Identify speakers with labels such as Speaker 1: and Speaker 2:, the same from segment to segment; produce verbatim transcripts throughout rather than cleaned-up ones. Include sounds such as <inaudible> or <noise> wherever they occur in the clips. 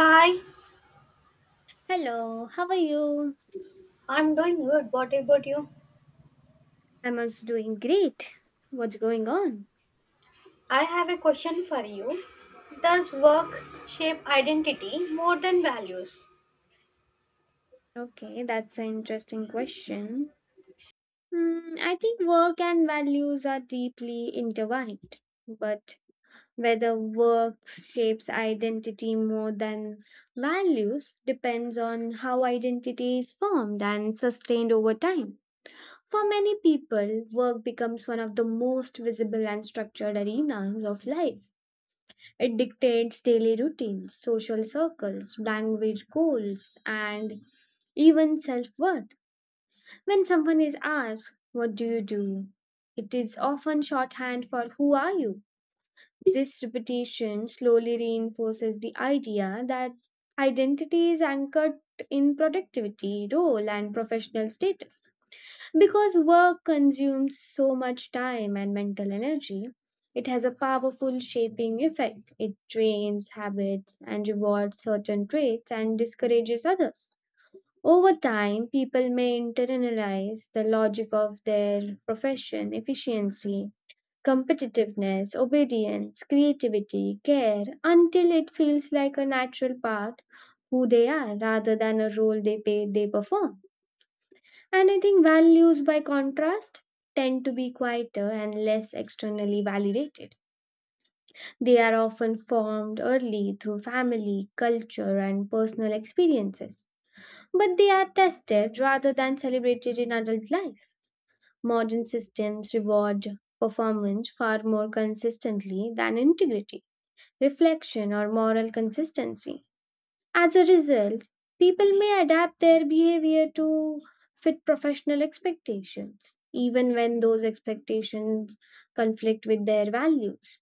Speaker 1: Hi,
Speaker 2: Hello, how are you?
Speaker 1: I'm doing good. What about you?
Speaker 2: I'm also doing great. What's going on?
Speaker 1: I have a question for you. Does work shape identity more than values?
Speaker 2: Okay, that's an interesting question. Hmm, I think work and values are deeply intertwined, but whether work shapes identity more than values depends on how identity is formed and sustained over time. For many people, work becomes one of the most visible and structured arenas of life. It dictates daily routines, social circles, language goals, and even self worth. When someone is asked, "What do you do?" it is often shorthand for "Who are you?" This repetition slowly reinforces the idea that identity is anchored in productivity, role, and professional status. Because work consumes so much time and mental energy, it has a powerful shaping effect. It trains habits and rewards certain traits and discourages others. Over time, people may internalize the logic of their profession, efficiency, competitiveness, obedience, creativity, care, until it feels like a natural part who they are rather than a role they pay they perform. And I think values, by contrast, tend to be quieter and less externally validated. They are often formed early through family, culture, and personal experiences. But they are tested rather than celebrated in adult life. Modern systems reward performance far more consistently than integrity, reflection, or moral consistency. As a result, people may adapt their behavior to fit professional expectations, even when those expectations conflict with their values.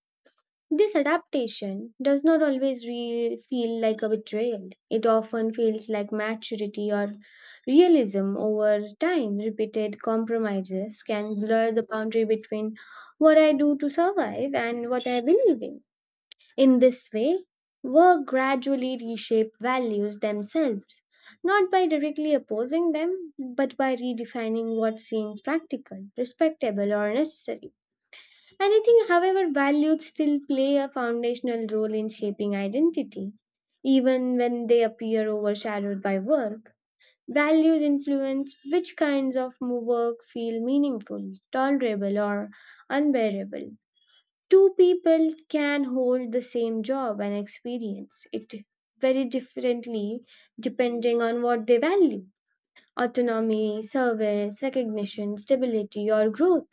Speaker 2: This adaptation does not always re- feel like a betrayal. It often feels like maturity or realism over time. Repeated compromises can blur the boundary between what I do to survive and what I believe in. In this way, work gradually reshape values themselves, not by directly opposing them, but by redefining what seems practical, respectable, or necessary. And I think, however, values still play a foundational role in shaping identity, even when they appear overshadowed by work. Values influence which kinds of mo- work feel meaningful, tolerable, or unbearable. Two people can hold the same job and experience it very differently depending on what they value, autonomy, service, recognition, stability, or growth.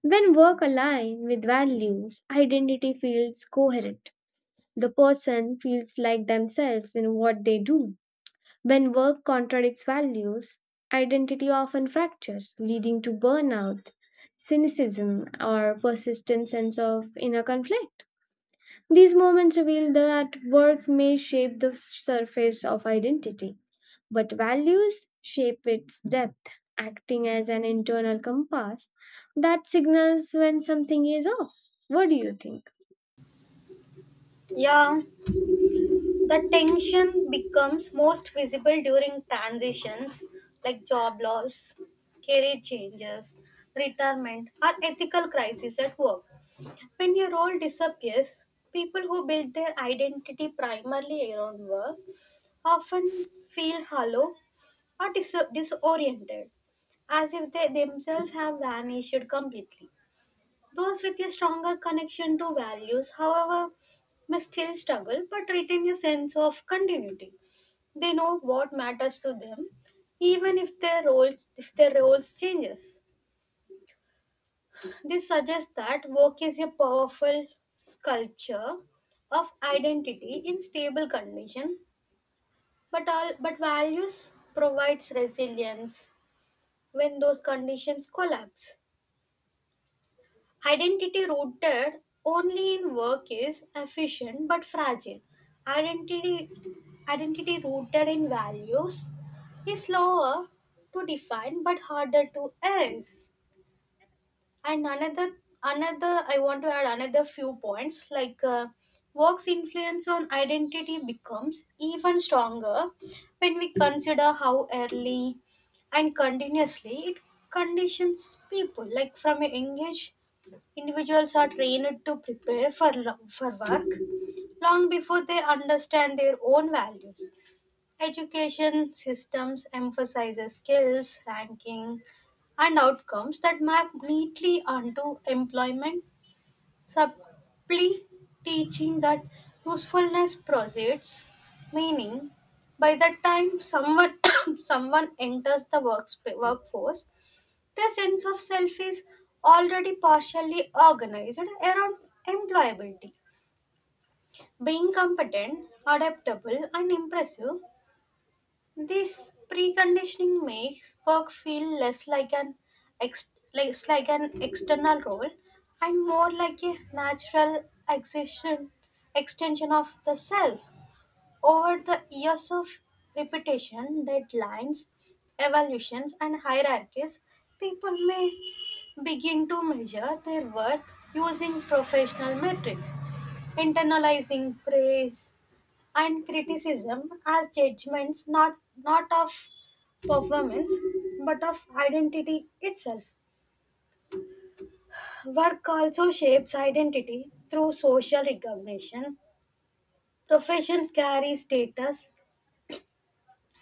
Speaker 2: When work aligns with values, identity feels coherent. The person feels like themselves in what they do. When work contradicts values, identity often fractures, leading to burnout, cynicism, or persistent sense of inner conflict. These moments reveal that work may shape the surface of identity, but values shape its depth, acting as an internal compass that signals when something is off. What do you think?
Speaker 1: Yeah, the tension becomes most visible during transitions like job loss, career changes, retirement, or ethical crises at work. When your role disappears, people who build their identity primarily around work often feel hollow or dis- disoriented, as if they themselves have vanished completely. Those with a stronger connection to values, however, may still struggle but retain a sense of continuity. They know what matters to them, even if their roles if their roles changes. This suggests that work is a powerful sculpture of identity in stable condition, but all but values provides resilience when those conditions collapse. Identity rooted only in work is efficient but fragile. Identity, identity rooted in values is slower to define but harder to erase. And another another i want to add another few points. Like uh, work's influence on identity becomes even stronger when we consider how early and continuously it conditions people, like from a young age individuals are trained to prepare for lo- for work long before they understand their own values. Education systems emphasize skills, ranking, and outcomes that map neatly onto employment, subtly teaching that usefulness proceeds meaning. By the time someone <coughs> someone enters the works workforce, their sense of self is already partially organized around employability. Being competent, adaptable, and impressive, this preconditioning makes work feel less like an ex- less like an external role and more like a natural extension extension of the self. Over the years of repetition, deadlines, evaluations, and hierarchies, people may begin to measure their worth using professional metrics, internalizing praise and criticism as judgments not not of performance but of identity itself. Work also shapes identity through social recognition. Professions carry status,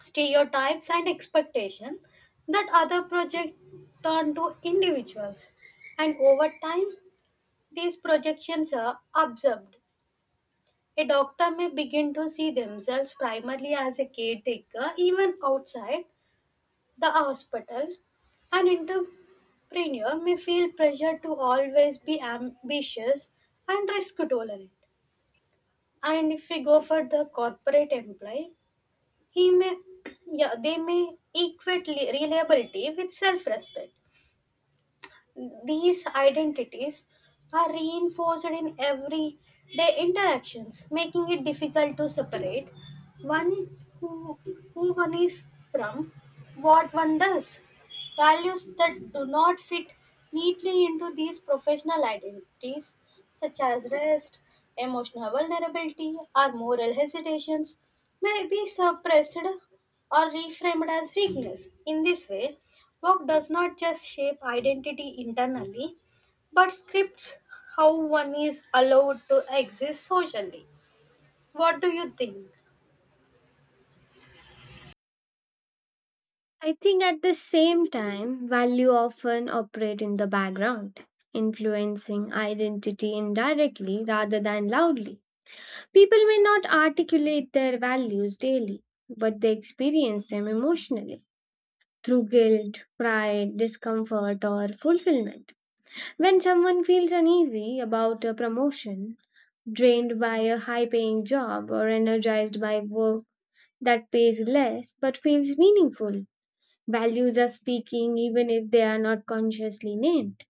Speaker 1: stereotypes, and expectation that other project onto individuals, and over time these projections are observed. A doctor may begin to see themselves primarily as a caretaker even outside the hospital. An entrepreneur may feel pressure to always be ambitious and risk tolerant. And if we go for the corporate employee, he may, <clears throat> yeah, they may equate li- reliability with self-respect. These identities are reinforced in everyday interactions, making it difficult to separate one who, who one is from what one does. Values that do not fit neatly into these professional identities, such as rest, emotional vulnerability, or moral hesitations, may be suppressed or reframed as weakness. In this way, work does not just shape identity internally, but scripts how one is allowed to exist socially. What do you think?
Speaker 2: I think at the same time, value often operate in the background, influencing identity indirectly rather than loudly. People may not articulate their values daily, but they experience them emotionally through guilt, pride, discomfort, or fulfillment. When someone feels uneasy about a promotion, drained by a high paying job, or energized by work that pays less but feels meaningful, values are speaking even if they are not consciously named.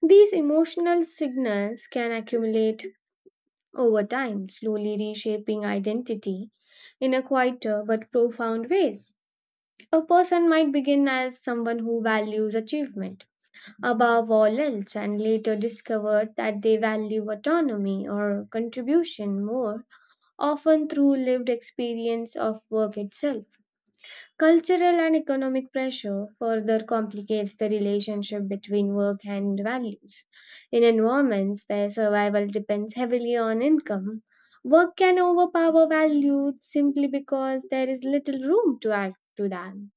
Speaker 2: These emotional signals can accumulate over time, slowly reshaping identity in a quieter but profound ways. A person might begin as someone who values achievement above all else and later discovered that they value autonomy or contribution more, often through lived experience of work itself. Cultural and economic pressure further complicates the relationship between work and values. In environments where survival depends heavily on income, work can overpower values simply because there is little room to act to them.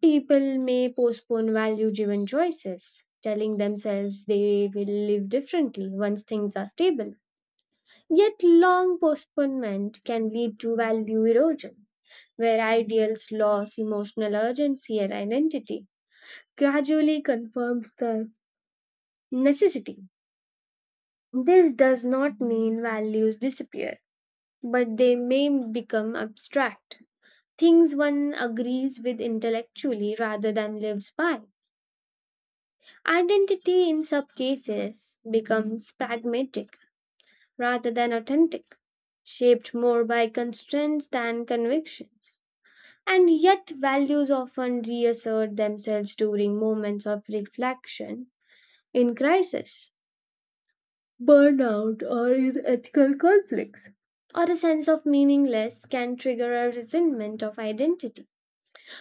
Speaker 2: People may postpone value driven choices, telling themselves they will live differently once things are stable. Yet, long postponement can lead to value erosion, where ideals lose emotional urgency and identity gradually confirms the necessity. This does not mean values disappear, but they may become abstract, things one agrees with intellectually rather than lives by. Identity in some cases becomes pragmatic rather than authentic, shaped more by constraints than convictions. And yet, values often reassert themselves during moments of reflection in crisis, burnout, or in ethical conflicts. Or a sense of meaningless can trigger a resentment of identity.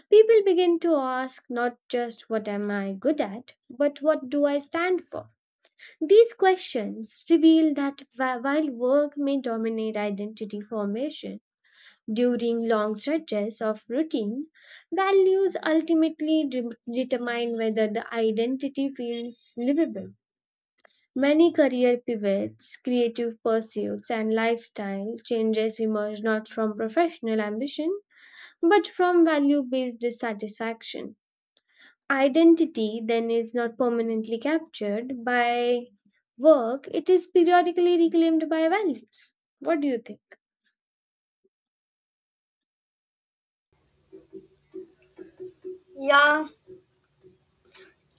Speaker 2: People begin to ask not just what am I good at, but what do I stand for? These questions reveal that wh- while work may dominate identity formation during long stretches of routine, values ultimately de- determine whether the identity feels livable. Many career pivots, creative pursuits, and lifestyle changes emerge not from professional ambition but from value based dissatisfaction. Identity then is not permanently captured by work, it is periodically reclaimed by values. What do you think?
Speaker 1: Yeah,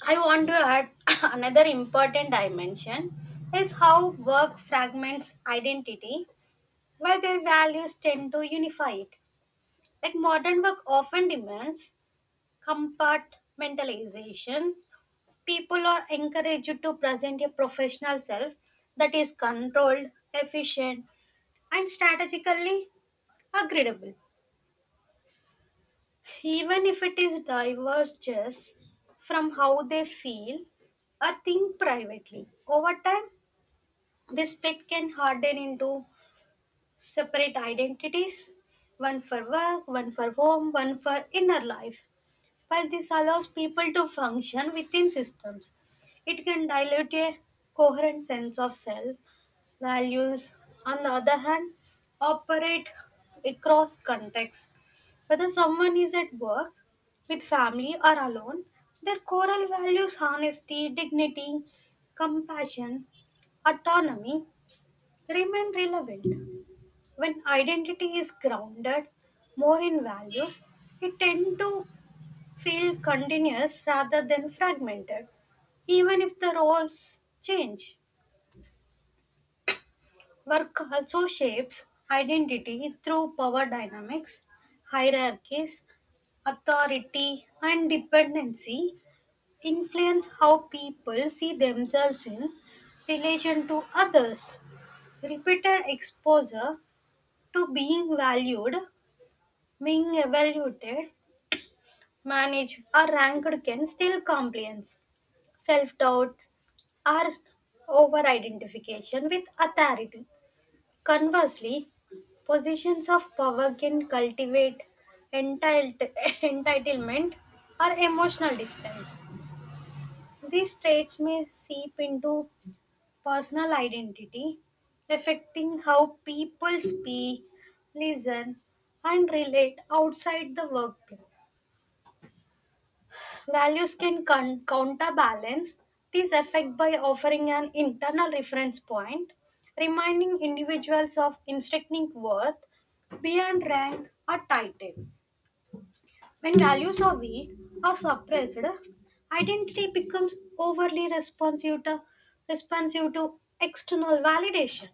Speaker 1: I want to add <laughs> another important dimension is how work fragments identity while their values tend to unify it. Like modern work often demands compartmentalization. People are encouraged to present a professional self that is controlled, efficient, and strategically agreeable, even if it is diverges from how they feel or think privately. Over time, this split can harden into separate identities, one for work, one for home, one for inner life. While this allows people to function within systems, it can dilute a coherent sense of self. Values, on the other hand, operate across contexts. Whether someone is at work, with family, or alone, their core values, honesty, dignity, compassion, autonomy, remain relevant. When identity is grounded more in values, it tend to feel continuous rather than fragmented, even if the roles change. Work also shapes identity through power dynamics. Hierarchies, authority, and dependency influence how people see themselves in relation to others. Repeated exposure to being valued, being evaluated, managed, or ranked can still compliance, self doubt, or over identification with authority. Conversely, positions of power can cultivate entitled- <laughs> entitlement or emotional distance. These traits may seep into personal identity, affecting how people speak, listen, and relate outside the workplace. Values can con- counterbalance this effect by offering an internal reference point, reminding individuals of intrinsic worth beyond rank or title. When values are weak or suppressed, identity becomes overly responsive to, responsive to external validation.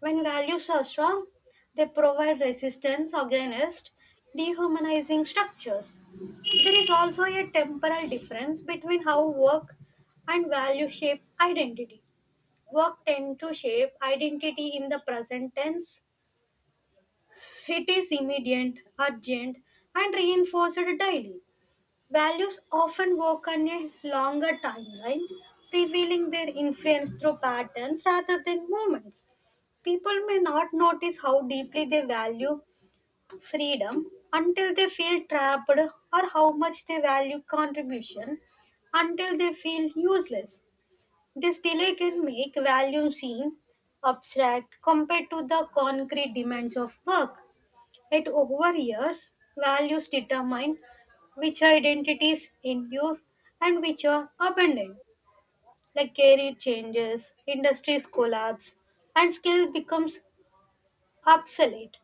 Speaker 1: When values are strong, they provide resistance against dehumanizing structures. There is also a temporal difference between how work and value shape identity. Work tend to shape identity in the present tense. It is immediate, urgent, and reinforced daily. Values often work on a longer timeline, revealing their influence through patterns rather than moments. People may not notice how deeply they value freedom until they feel trapped, or how much they value contribution until they feel useless. This delay can make value seem abstract compared to the concrete demands of work. Yet over years, values determine which identities endure and which are abandoned. Like career changes, industries collapse, and skill becomes obsolete.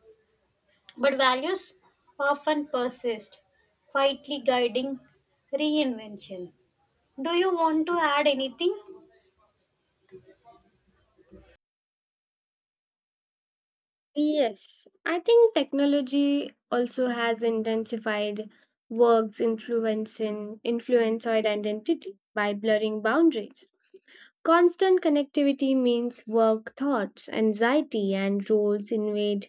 Speaker 1: But values often persist, quietly guiding reinvention. Do you want to add anything?
Speaker 2: Yes, I think technology also has intensified work's influence in influence or identity by blurring boundaries. Constant connectivity means work thoughts, anxiety, and roles invade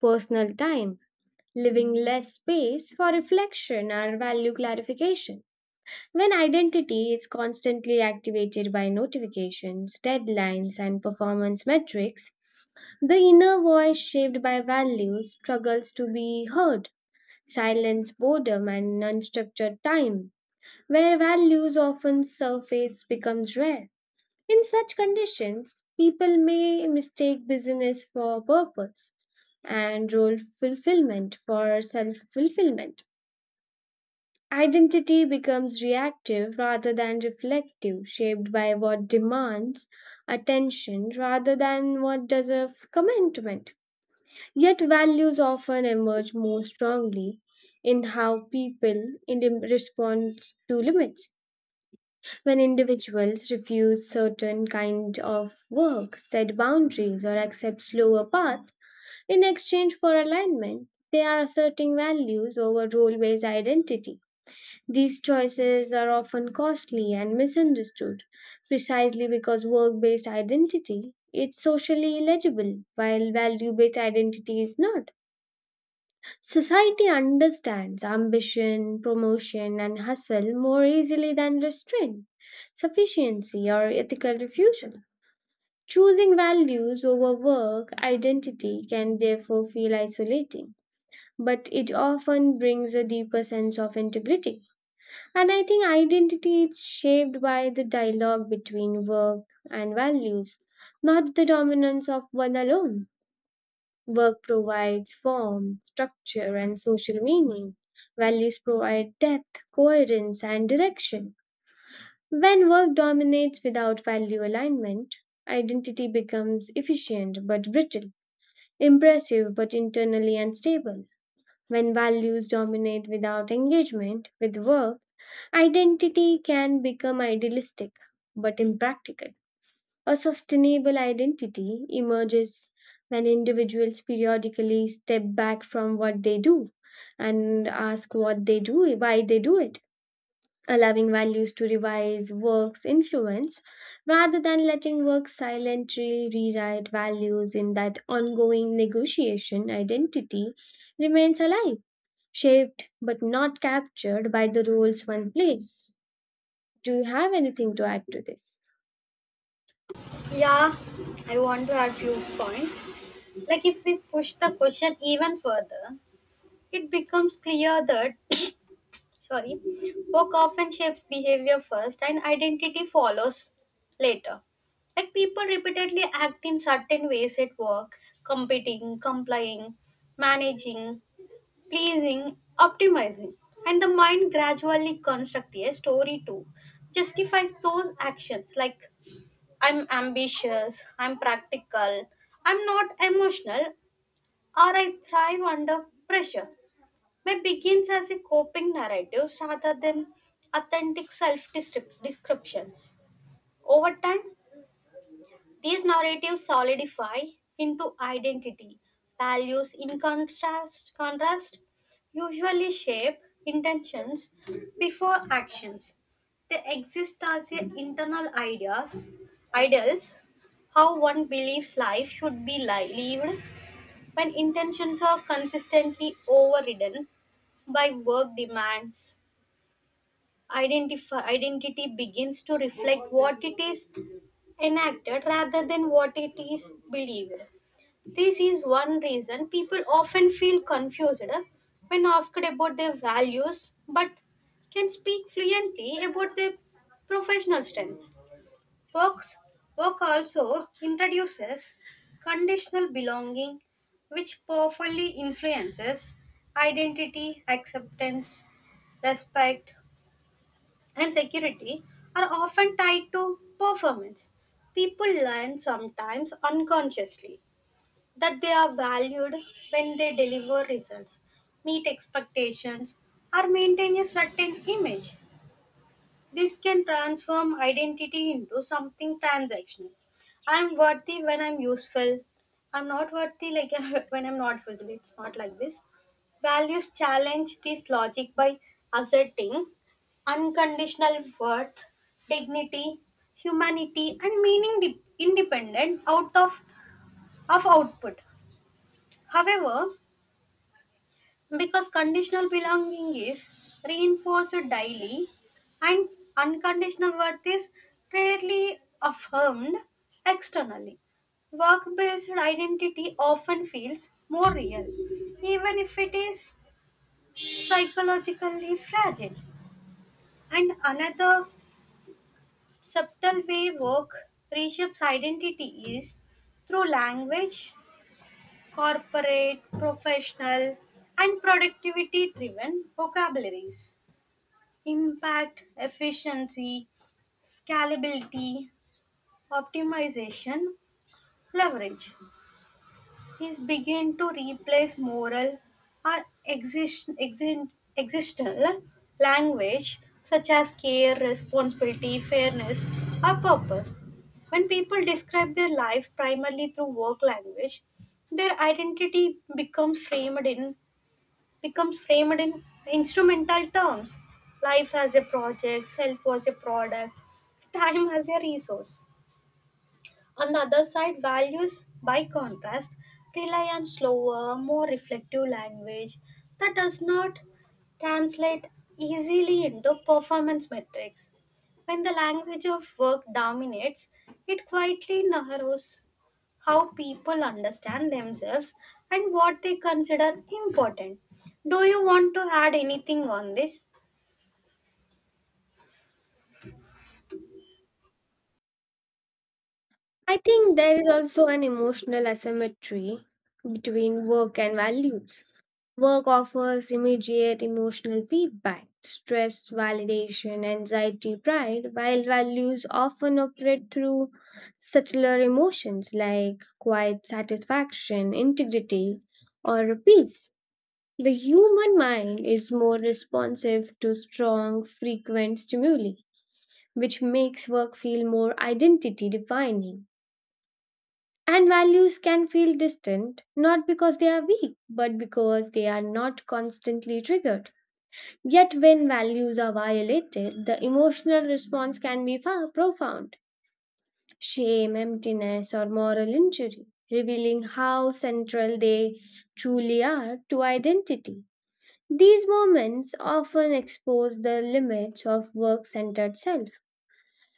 Speaker 2: personal time, leaving less space for reflection or value clarification. When identity is constantly activated by notifications, deadlines, and performance metrics, the inner voice shaped by values struggles to be heard, silence boredom and unstructured time, where values often surface becomes rare. In such conditions, people may mistake business for purpose and role fulfillment for self fulfillment. Identity becomes reactive rather than reflective, shaped by what demands attention rather than what deserves commitment. Yet, values often emerge more strongly in how people in respond to limits. When individuals refuse certain kind of work, set boundaries, or accept slower paths in exchange for alignment, they are asserting values over role-based identity. These choices are often costly and misunderstood precisely because work based identity is socially legible while value based identity is not. Society understands ambition, promotion, and hustle more easily than restraint, sufficiency, or ethical refusal. Choosing values over work identity can therefore feel isolating, but it often brings a deeper sense of integrity. And I think identity is shaped by the dialogue between work and values, not the dominance of one alone. Work provides form, structure, and social meaning. Values provide depth, coherence, and direction. When work dominates without value alignment, identity becomes efficient but brittle, impressive but internally unstable. When values dominate without engagement with work, identity can become idealistic but impractical. A sustainable identity emerges when individuals periodically step back from what they do and ask what they do, why they do it, allowing values to revise work's influence rather than letting work silently rewrite values in that ongoing negotiation identity remains alive, shaped but not captured by the roles one plays. Do you have anything to add to this?
Speaker 1: Yeah, I want to add few points. Like if we push the question even further, it becomes clear that, sorry, work often shapes behavior first and identity follows later. Like people repeatedly act in certain ways at work, competing, complying, managing, pleasing, optimizing. And the mind gradually constructs a story to justify those actions, like I'm ambitious, I'm practical, I'm not emotional, or I thrive under pressure may begins as a coping narratives rather than authentic self descriptions. Over time, these narratives solidify into identity. Values in contrast, contrast usually shape intentions before actions. They exist as a internal ideas, ideals, how one believes life should be li- lived. When intentions are consistently overridden by work demands, identify, identity begins to reflect what it is enacted rather than what it is believed. This is one reason people often feel confused when asked about their values but can speak fluently about their professional strengths. Work's Work also introduces conditional belonging, which powerfully influences identity. Acceptance, respect, and security are often tied to performance. People learn, sometimes unconsciously, that they are valued when they deliver results, meet expectations, or maintain a certain image. This can transform identity into something transactional. I'm worthy when I'm useful. I'm not worthy like <laughs> when I'm not useful. It's not like this. Values challenge this logic by asserting unconditional worth, dignity, humanity, and meaning de- independent out of, of output. However, because conditional belonging is reinforced daily and unconditional worth is rarely affirmed externally, work based identity often feels more real, even if it is psychologically fragile. And another subtle way work reshapes identity is through language. Corporate, professional, and productivity driven vocabularies. Impact, efficiency, scalability, optimization, leverage. These begin to replace moral or exist, exist, existential language such as care, responsibility, fairness, or purpose. When people describe their lives primarily through work language, their identity becomes framed in becomes framed in instrumental terms. Life as a project, self as a product, <laughs> time as a resource. On the other side, values, by contrast, rely on slower, more reflective language that does not translate easily into performance metrics. When the language of work dominates, it quietly narrows how people understand themselves and what they consider important. Do you want to add anything on this?
Speaker 2: I think there is also an emotional asymmetry between work and values. Work offers immediate emotional feedback, stress, validation, anxiety, pride, while values often operate through subtler emotions like quiet satisfaction, integrity, or peace. The human mind is more responsive to strong, frequent stimuli, which makes work feel more identity defining. And values can feel distant, not because they are weak, but because they are not constantly triggered. Yet, when values are violated, the emotional response can be far profound shame, emptiness, or moral injury, revealing how central they truly are to identity. These moments often expose the limits of work centered self.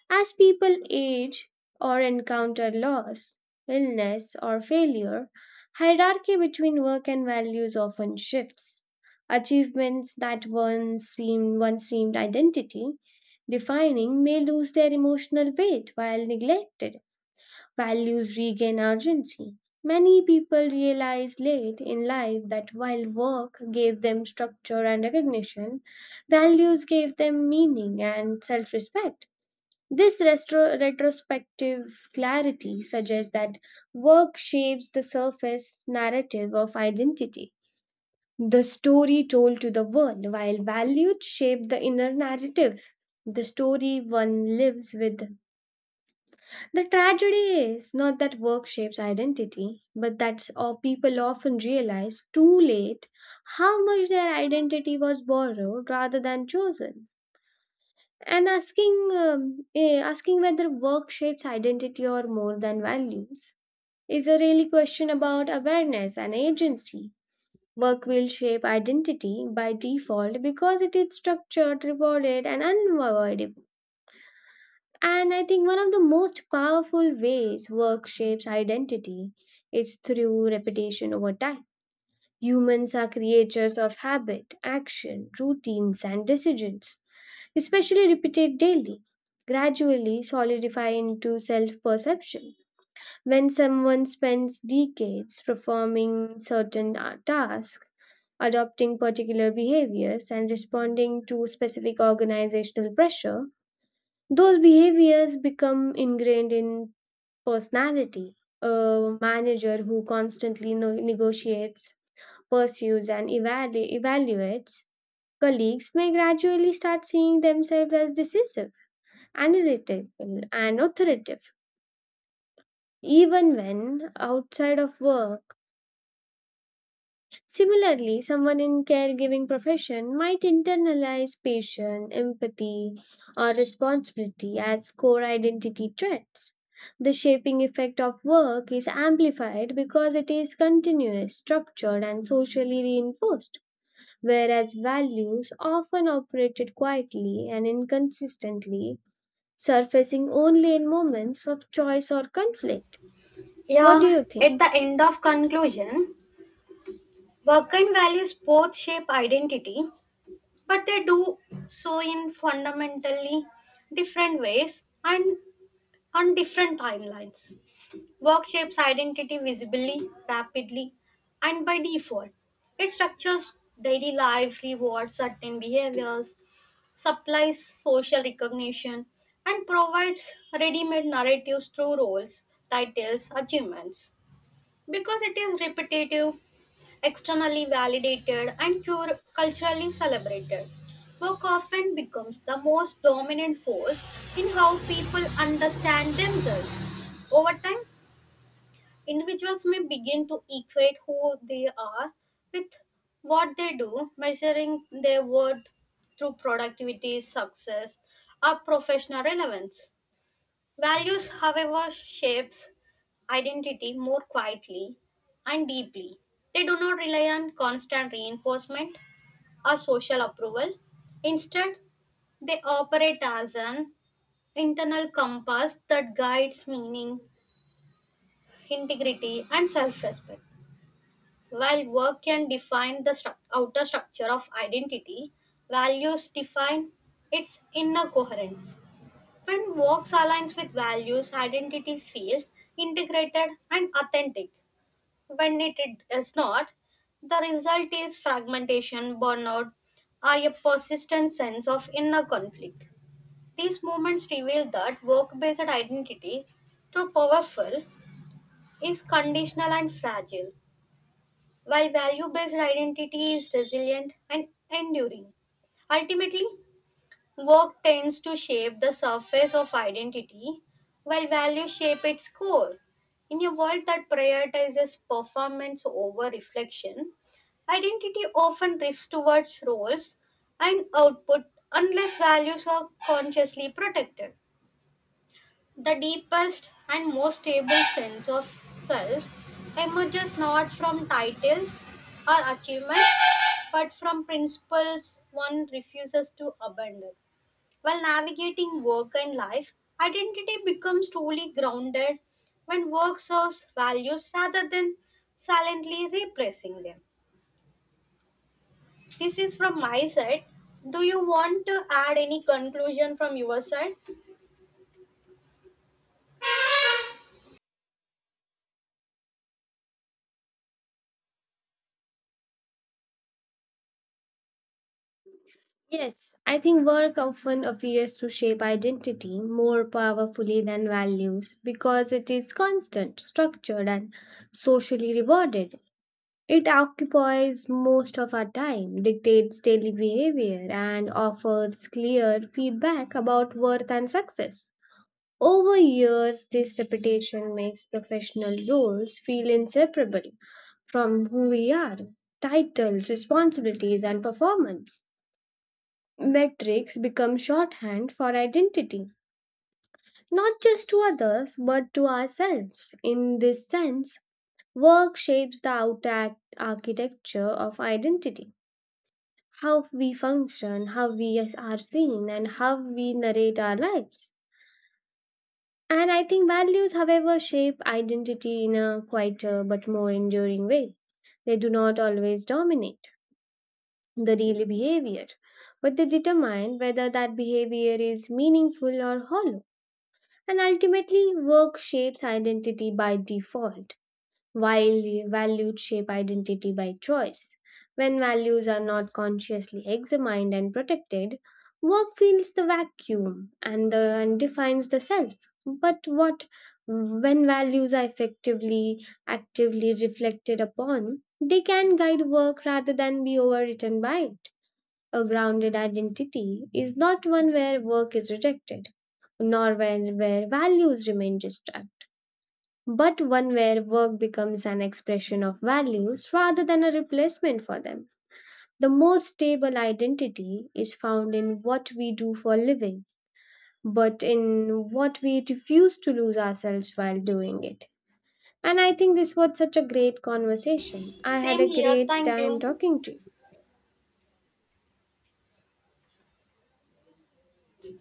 Speaker 2: As people age or encounter loss, illness, or failure, hierarchy between work and values often shifts. Achievements that once seemed, once seemed identity defining may lose their emotional weight while neglected values regain urgency. Many people realize late in life that while work gave them structure and recognition, values gave them meaning and self respect. This retro- retrospective clarity suggests that work shapes the surface narrative of identity, the story told to the world, while values shape the inner narrative, the story one lives with. The tragedy is not that work shapes identity, but that uh, people often realize too late how much their identity was borrowed rather than chosen. And asking, um, eh, asking whether work shapes identity or more than values is a really question about awareness and agency. Work will shape identity by default because it is structured, rewarded, and unavoidable. And I think one of the most powerful ways work shapes identity is through repetition over time. Humans are creatures of habit, action, routines, and decisions, especially repeated daily, gradually solidify into self perception. When someone spends decades performing certain uh, tasks, adopting particular behaviors, and responding to specific organizational pressure, those behaviors become ingrained in personality. A manager who constantly no- negotiates, pursues, and evalu- evaluates colleagues may gradually start seeing themselves as decisive, analytical, and authoritative, even when outside of work. Similarly, someone in caregiving profession might internalize patience, empathy, or responsibility as core identity traits. The shaping effect of work is amplified because it is continuous, structured, and socially reinforced, whereas values often operated quietly and inconsistently, surfacing only in moments of choice or conflict. What
Speaker 1: Yeah,
Speaker 2: do you
Speaker 1: at
Speaker 2: think?
Speaker 1: the end of conclusion, work and values both shape identity, but they do so in fundamentally different ways and on different timelines. Work shapes identity visibly, rapidly, and by default. It structures daily life, rewards certain behaviors, supplies social recognition, and provides ready made narratives through roles, titles, achievements. Because it is repetitive, externally validated and culturally celebrated. Work often becomes the most dominant force in how people understand themselves. Over time, individuals may begin to equate who they are with what they do, measuring their worth through productivity, success, or professional relevance. Values, however, shapes identity more quietly and deeply. They do not rely on constant reinforcement or social approval. Instead, they operate as an internal compass that guides meaning, integrity, and self respect. While work can define the struc- outer structure of identity, values define its inner coherence. When works aligns with values, identity feels integrated and authentic. When it is not, the result is fragmentation, burnout, or a persistent sense of inner conflict. These movements reveal that work based identity, though powerful, is conditional and fragile, while value based identity is resilient and enduring. Ultimately, work tends to shape the surface of identity, while values shape its core. In a world that prioritizes performance over reflection, identity often drifts towards roles and output unless values are consciously protected. The deepest and most stable sense of self emerges not from titles or achievements, but from principles one refuses to abandon. While navigating work and life, identity becomes truly grounded when work serves values rather than silently replacing them. This is from my side. Do you want to add any conclusion from your side?
Speaker 2: Yes, I think work often appears to shape identity more powerfully than values because it is constant, structured, and socially rewarded. It occupies most of our time, dictates daily behavior, and offers clear feedback about worth and success. Over years, this reputation makes professional roles feel inseparable from who we are, titles, responsibilities, and performance. Metrics become shorthand for identity, not just to others but to ourselves. In this sense, work shapes the outer act- architecture of identity how we function, how we as- are seen, and how we narrate our lives. And I think values, however, shape identity in a quieter but more enduring way. They do not always dominate the daily behavior, but they determine whether that behavior is meaningful or hollow. And ultimately, work shapes identity by default, while values shape identity by choice. When values are not consciously examined and protected, work fills the vacuum and, the, and defines the self. But what when values are effectively, actively reflected upon, they can guide work rather than be overwritten by it. A grounded identity is not one where work is rejected nor where, where values remain distant, but one where work becomes an expression of values rather than a replacement for them. The most stable identity is found in what we do for a living, but in what we refuse to lose ourselves while doing it. And I think this was such a great conversation. I had
Speaker 1: Same
Speaker 2: a
Speaker 1: here.
Speaker 2: great
Speaker 1: Thank you.
Speaker 2: time talking to you.